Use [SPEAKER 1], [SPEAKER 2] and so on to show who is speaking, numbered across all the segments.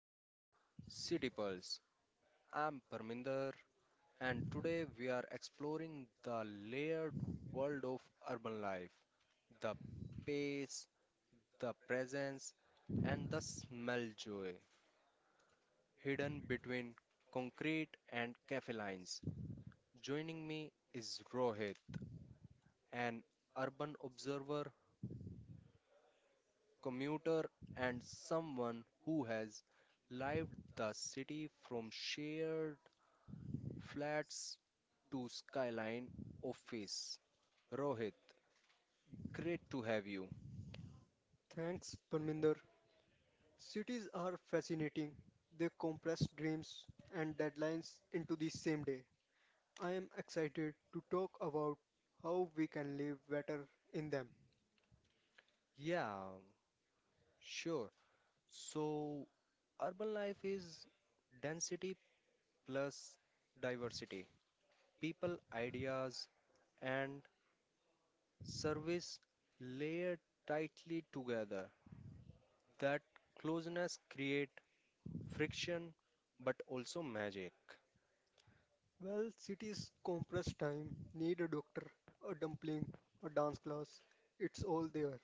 [SPEAKER 1] to City Pulse. I'm Parminder, and today we are exploring the layered world of urban life, the pace, the presence, and the smell joy hidden between concrete and cafe lines. Joining me is Rohit, an urban observer, commuter, and someone who has lived the city from sheer Flats to Skyline office. Rohit, great to have you.
[SPEAKER 2] Thanks, Parminder. Cities are fascinating. They compress names and deadlines into the same day. I am excited to talk about how we can live better in them.
[SPEAKER 1] Yeah, sure. So, urban life is density plus diversity. People, ideas, and service layer tightly together. That closeness create friction but also magic.
[SPEAKER 2] Well, cities compress time, need a doctor, a dumpling, a dance class. It's all there,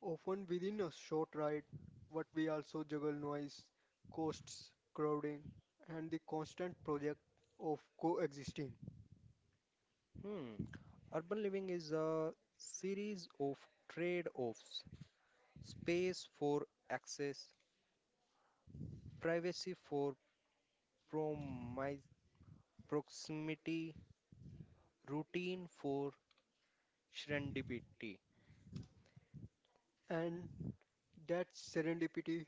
[SPEAKER 2] often within a short ride, but we also juggle noise, costs, crowding, and the constant project of coexisting.
[SPEAKER 1] Hmm. Urban living is a series of trade-offs. Space for access, privacy for promi- proximity, routine for serendipity.
[SPEAKER 2] And That serendipity,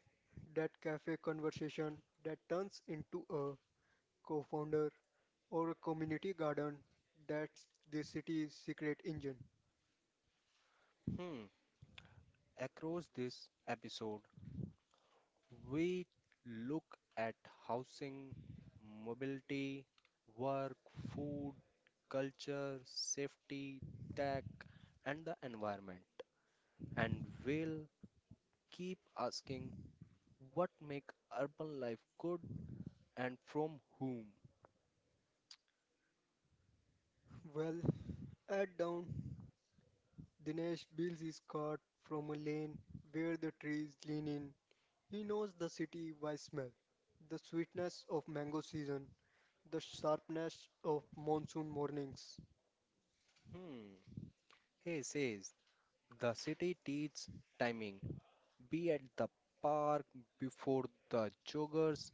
[SPEAKER 2] that cafe conversation that turns into a co-founder or a community garden, that's the city's secret engine.
[SPEAKER 1] Hmm. Across this episode, we look at housing, mobility, work, food, culture, safety, tech, and the environment. And we'll keep asking what make urban life good and from whom.
[SPEAKER 2] Well, at down, Dinesh builds his cart from a lane where the trees lean in. He knows the city by smell, the sweetness of mango season, the sharpness of monsoon mornings.
[SPEAKER 1] Hmm. Hey, says. The city teaches timing. Be at the park before the joggers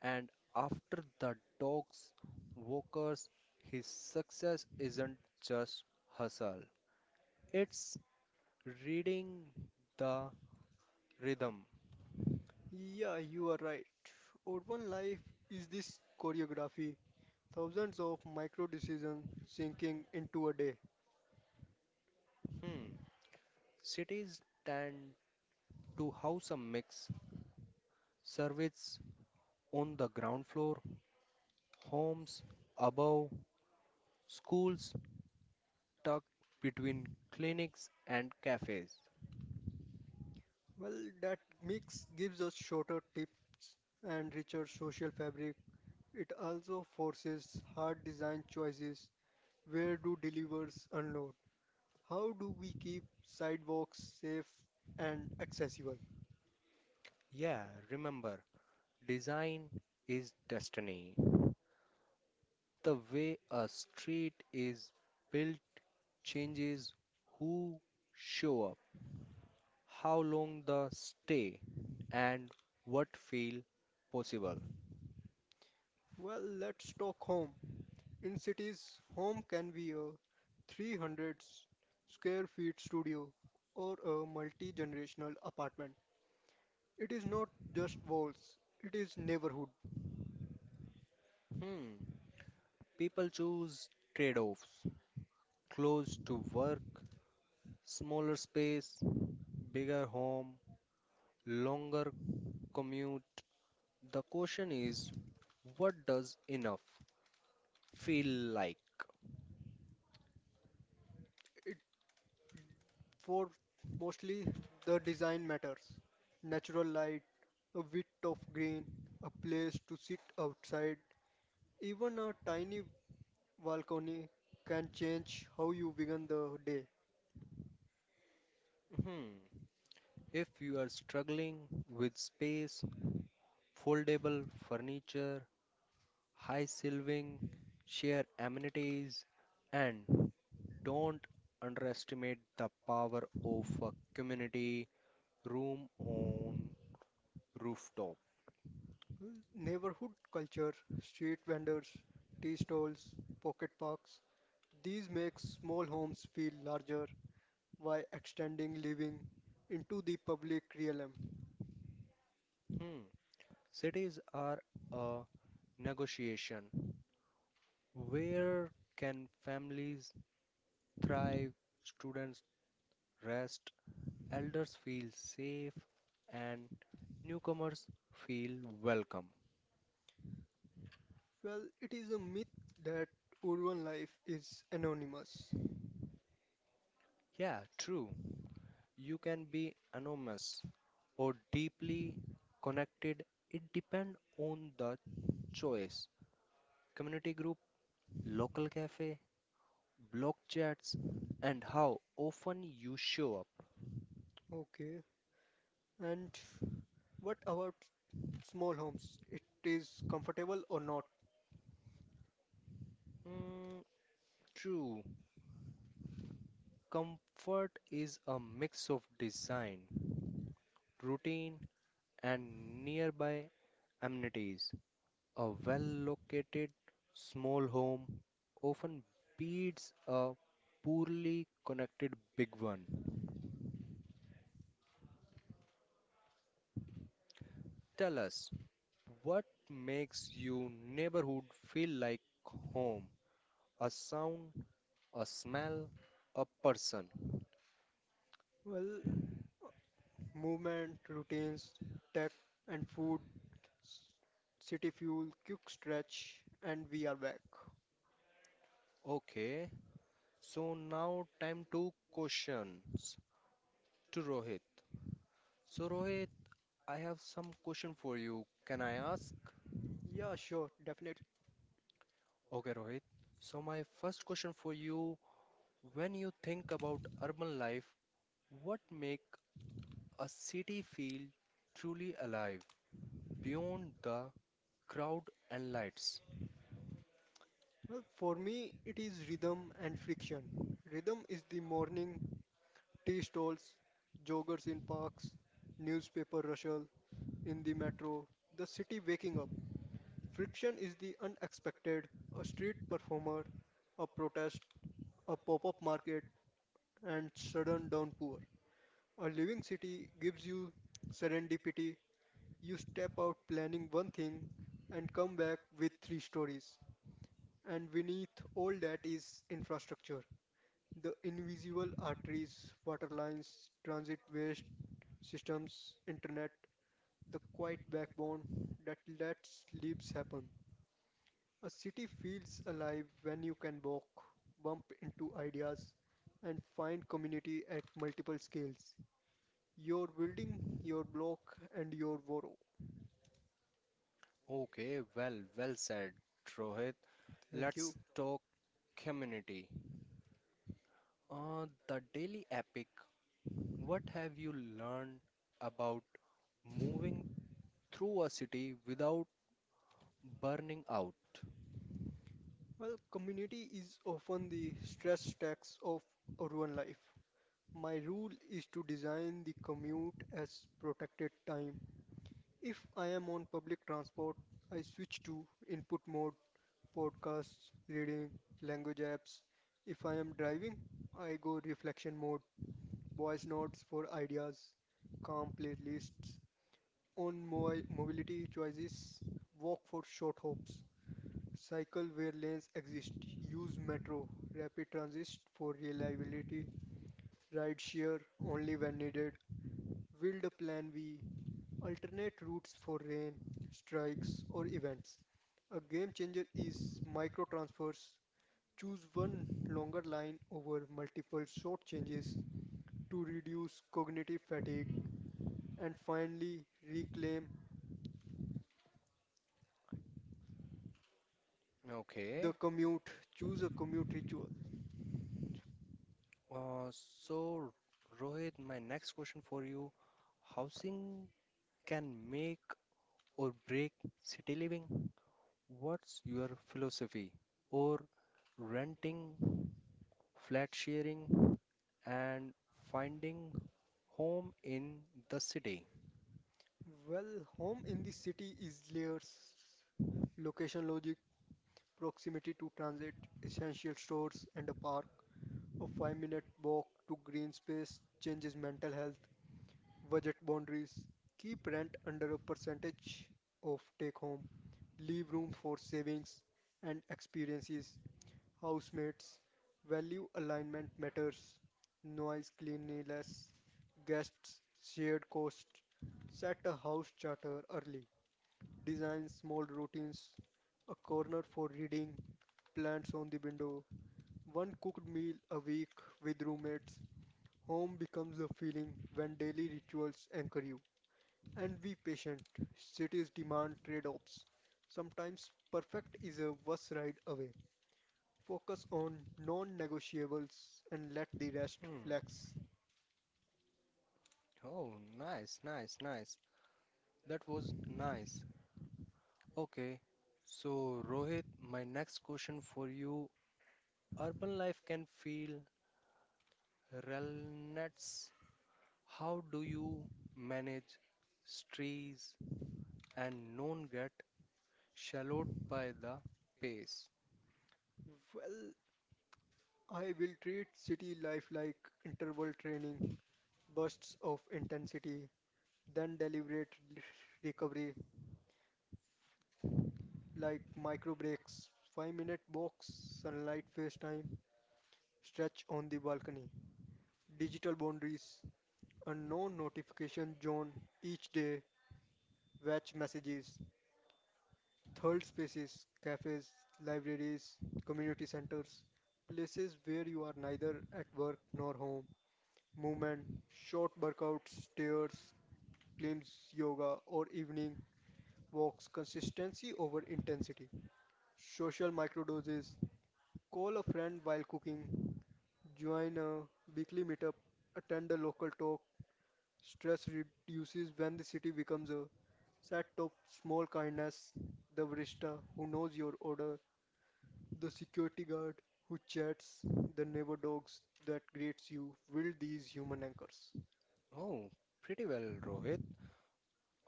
[SPEAKER 1] and after the dogs, walkers. His success isn't just hustle, it's reading the rhythm.
[SPEAKER 2] Yeah, you are right. Urban life is this choreography, thousands of micro decisions sinking into a day.
[SPEAKER 1] Hmm. Cities tend to house a mix, service on the ground floor, homes above, schools tucked between clinics and cafes.
[SPEAKER 2] Well, that mix gives us shorter tips and richer social fabric. It also forces hard design choices. Where do delivers unload? How do we keep sidewalks safe and accessible?
[SPEAKER 1] Yeah, remember, design is destiny. The way a street is built changes who show up, how long they stay, and what feel possible.
[SPEAKER 2] Well, let's talk home. In cities, home can be a 300 square feet studio or a multi generational apartment. It is not just walls, it is neighborhood.
[SPEAKER 1] Hmm. People choose trade offs, close to work, smaller space, bigger home, longer commute. The question is, what does enough feel like?
[SPEAKER 2] It for mostly the design matters. Natural light, a bit of green, a place to sit outside, even a tiny balcony can change how you begin the day.
[SPEAKER 1] Hmm. If you are struggling with space, foldable furniture, high shelving, share amenities, and don't underestimate the power of a community room on rooftop.
[SPEAKER 2] Neighborhood culture, street vendors, tea stalls, pocket parks, these make small homes feel larger by extending living into the public realm.
[SPEAKER 1] Hmm. Cities are a negotiation. Where can families thrive, students rest, elders feel safe, and newcomers feel welcome?
[SPEAKER 2] Well, it is a myth that urban life is anonymous.
[SPEAKER 1] Yeah, true. You can be anonymous or deeply connected. It depends on the choice. Community group, local cafe, blog chats, and how often you show up.
[SPEAKER 2] Okay. And what about small homes? It is comfortable or not?
[SPEAKER 1] Mm, true. Comfort is a mix of design, routine, and nearby amenities. A well located small home often beats a poorly connected big one. Tell us, what makes your neighborhood feel like home? A sound, a smell, a person.
[SPEAKER 2] Well, movement, routines, tech and food, city fuel, quick stretch, and we are back.
[SPEAKER 1] Okay, so now time to questions to Rohit. So, Rohit, I have some question for you. Can I ask?
[SPEAKER 2] Yeah, sure, definitely.
[SPEAKER 1] Okay, Rohit. So, my first question for you, when you think about urban life, what make a city feel truly alive beyond the crowd and lights?
[SPEAKER 2] Well, for me, it is rhythm and friction. Rhythm is the morning tea stalls, joggers in parks, newspaper rustle in the metro, the city waking up. Friction is the unexpected, a street performer, a protest, a pop-up market, and sudden downpour. A living city gives you serendipity. You step out planning one thing and come back with three stories. And beneath all that is infrastructure. The invisible arteries, water lines, transit waste systems, internet, the quiet backbone that lets lives happen. A city feels alive when you can walk, bump into ideas, and find community at multiple scales. Your building, your block, and your borough.
[SPEAKER 1] Okay, well, well said, Rohit.
[SPEAKER 2] Thank you.
[SPEAKER 1] Let's talk community. The daily epic. What have you learned about moving through a city without burning out?
[SPEAKER 2] Well, community is often the stress tax of urban life. My rule is to design the commute as protected time. If I am on public transport, I switch to input mode, podcasts, reading, language apps. If I am driving, I go reflection mode, voice notes for ideas, calm playlists on mobility choices, walk for short hops, cycle where lanes exist, use metro, rapid transit for reliability, ride share only when needed, build a plan B, alternate routes for rain, strikes, or events. A game changer is micro transfers. Choose one longer line over multiple short changes to reduce cognitive fatigue. And finally, reclaim the
[SPEAKER 1] Okay.
[SPEAKER 2] commute. Choose a commute ritual.
[SPEAKER 1] So, Rohit, my next question for you, housing can make or break city living? What's your philosophy? Or renting, flat sharing, and finding home in the city?
[SPEAKER 2] Well, home in the city is layers, location logic, proximity to transit, essential stores, and a park. A 5 minute walk to green space changes mental health, budget boundaries. Keep rent under a percentage of take home. Leave room for savings and experiences. Housemates, value alignment matters, noise cleanliness, guests, shared costs. Set a house charter early. Design small routines, a corner for reading, plants on the window, one cooked meal a week with roommates. Home becomes a feeling when daily rituals anchor you. And be patient. Cities demand trade offs. Sometimes perfect is a bus ride away. Focus on non-negotiables and let the rest
[SPEAKER 1] Hmm.
[SPEAKER 2] flex.
[SPEAKER 1] Oh, nice, nice, nice. That was nice. Okay. So, Rohit, my next question for you. Urban life can feel relentless. How do you manage stress and non-get Shallowed by the pace.
[SPEAKER 2] Well, I will treat city life like interval training, bursts of intensity, then deliberate re- recovery like micro breaks, 5-minute walks, sunlight face time, stretch on the balcony, digital boundaries, a no notification zone each day, watch messages, third spaces, cafes, libraries, community centers, places where you are neither at work nor home. Movement, short workouts, stairs, climbs, yoga, or evening walks, consistency over intensity. Social microdoses, call a friend while cooking, join a weekly meetup, attend a local talk. Stress reduces when the city becomes a set of small kindness. The barista who knows your order, the security guard who chats, the neighbor dogs that greets you will these human anchors.
[SPEAKER 1] Oh, pretty well, Rohit.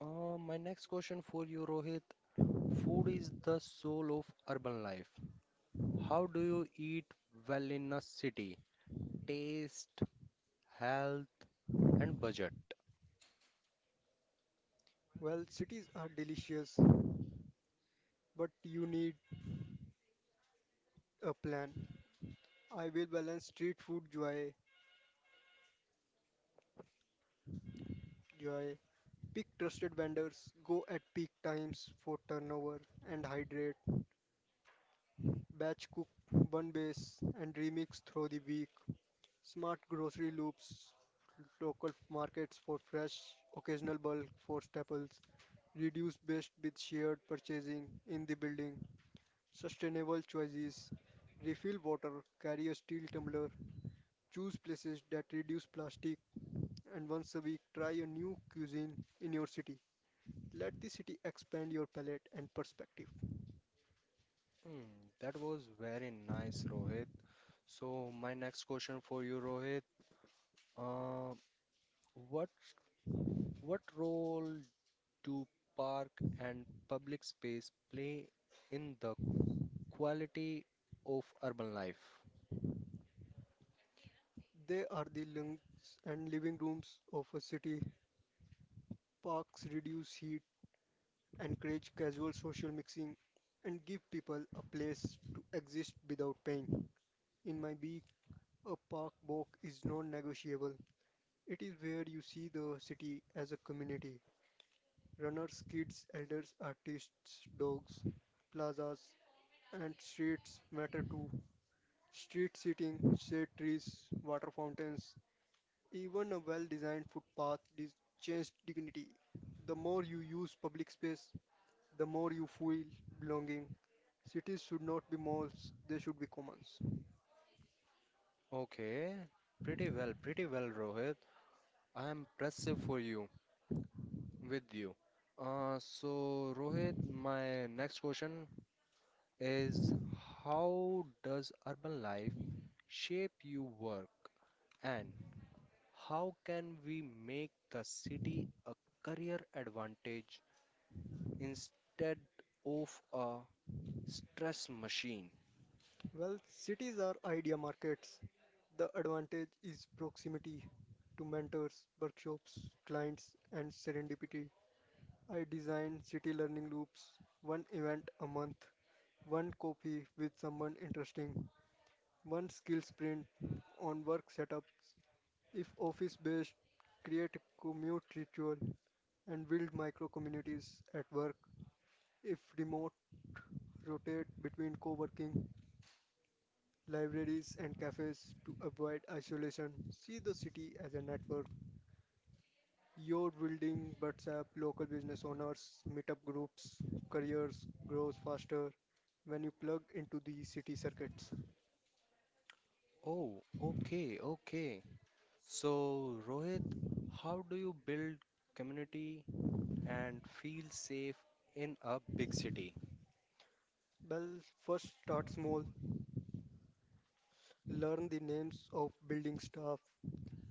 [SPEAKER 1] My next question for you, Rohit. Food is the soul of urban life. How do you eat well in a city? Taste, health, and budget.
[SPEAKER 2] Well, cities are delicious, but you need a plan. I will balance street food joy, pick trusted vendors, go at peak times for turnover and hydrate, batch cook, bun base and remix through the week, smart grocery loops, local markets for fresh, occasional bulk for staples, reduce waste with shared purchasing in the building, sustainable choices, refill water, carry a steel tumbler, choose places that reduce plastic, and once a week try a new cuisine in your city. Let the city expand your palate and perspective.
[SPEAKER 1] Hmm, that was very nice, Rohit. So, my next question for you, Rohit. Uh, what what role do park and public space play in the quality of urban life.
[SPEAKER 2] They are the lungs and living rooms of a city. Parks reduce heat, encourage casual social mixing, and give people a place to exist without pain. In my week, a park walk is non negotiable. It is where you see the city as a community: runners, kids, elders, artists, dogs. Plazas and streets matter too. Street seating, shade trees, water fountains, even a well-designed footpath is changed dignity. The more you use public space, the more you feel belonging. Cities should not be malls, they should be commons.
[SPEAKER 1] Okay, pretty well, pretty well, Rohit. I am impressive for you, with you. So, Rohit, my next question is, how does urban life shape your work and how can we make the city a career advantage instead of a stress machine?
[SPEAKER 2] Well, cities are idea markets. The advantage is proximity to mentors, workshops, clients, and serendipity. I design city learning loops, one event a month, one coffee with someone interesting, one skill sprint on work setups. If office based, create a commute ritual and build micro communities at work. If remote, rotate between co working, libraries, and cafes to avoid isolation. See the city as a network. Your building WhatsApp, local business owners, meetup groups, careers grows faster when you plug into the city circuits.
[SPEAKER 1] Oh, okay, okay. So, Rohit, how do you build community and feel safe in a big city?
[SPEAKER 2] Well, first start small, learn the names of building staff,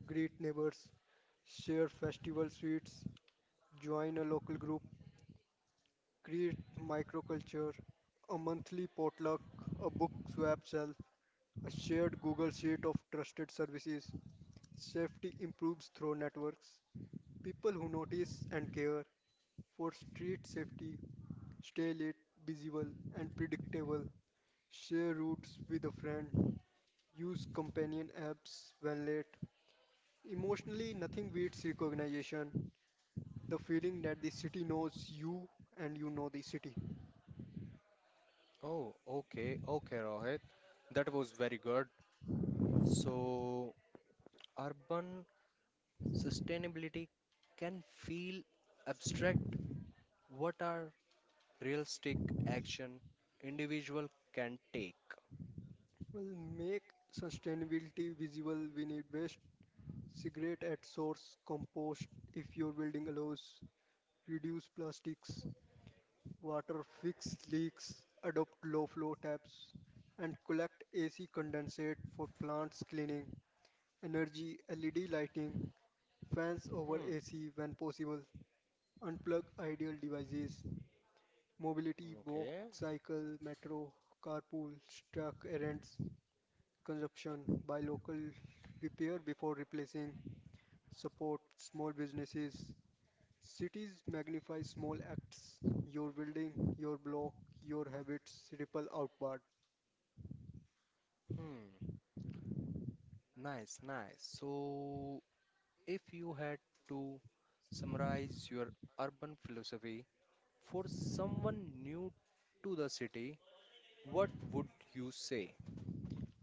[SPEAKER 2] greet neighbors, share festival sweets, join a local group, create microculture, a monthly potluck, a book swap shelf, a shared Google Sheet of trusted services. Safety improves through networks. People who notice and care. For street safety, stay late, visible, and predictable. Share routes with a friend. Use companion apps when late. Emotionally, nothing beats recognition. The feeling that the city knows you and you know the city.
[SPEAKER 1] Oh, okay, okay, Rohit. That was very good. So, urban sustainability can feel abstract. What are realistic action individual can take?
[SPEAKER 2] Well, make sustainability visible. We need waste, cigarette at source, compost if your building allows. Reduce plastics, water fix leaks, adopt low flow taps, and collect AC condensate for plants cleaning, energy LED lighting, fans over
[SPEAKER 1] Hmm,
[SPEAKER 2] AC when possible, unplug ideal devices, mobility, walk,
[SPEAKER 1] okay.
[SPEAKER 2] cycle, metro, carpool, truck errands, consumption, buy local, repair before replacing, support small businesses. Cities magnify small acts, your building, your block, your habits ripple outward.
[SPEAKER 1] Hmm, nice, nice. So, if you had to summarize your urban philosophy for someone new to the city, what would you say?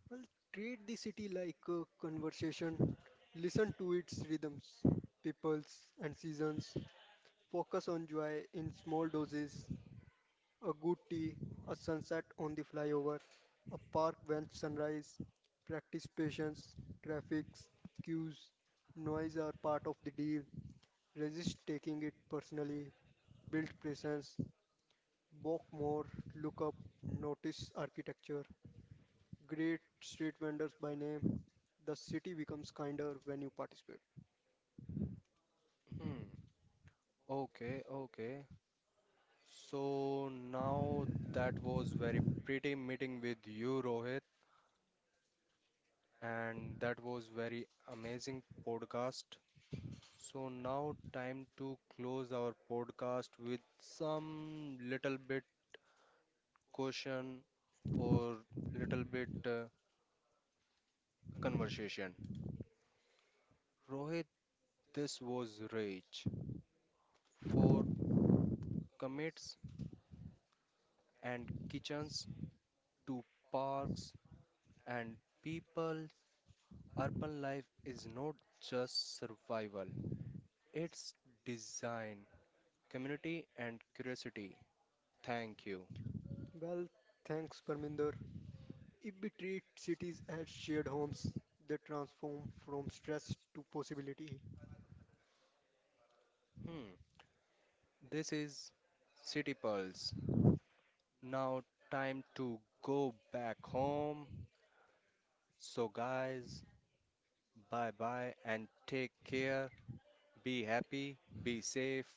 [SPEAKER 2] Well, treat the city like a conversation. Listen to its rhythms, peoples, and seasons. Focus on joy in small doses. A good tea, a sunset on the flyover, a park bench sunrise. Practice patience, traffics, queues, noise are part of the deal. Resist taking it personally. Build presence. Walk more. Look up. Notice architecture. Great street vendors by name. The city becomes kinder when you participate.
[SPEAKER 1] Hmm, okay, okay. So now that was very pretty meeting with you, Rohit, and that was very amazing podcast. So now time to close our podcast with some little bit question or little bit conversation. Rohit, this was rich, for commits and kitchens to parks and people, urban life is not just survival, it's design, community, and curiosity. Thank you.
[SPEAKER 2] Well, thanks, Parminder. If we treat cities as shared homes, they transform from stress to possibility.
[SPEAKER 1] Hmm, this is City Pulse. Now, time to go back home. So, guys, bye bye and take care. Be happy, be safe,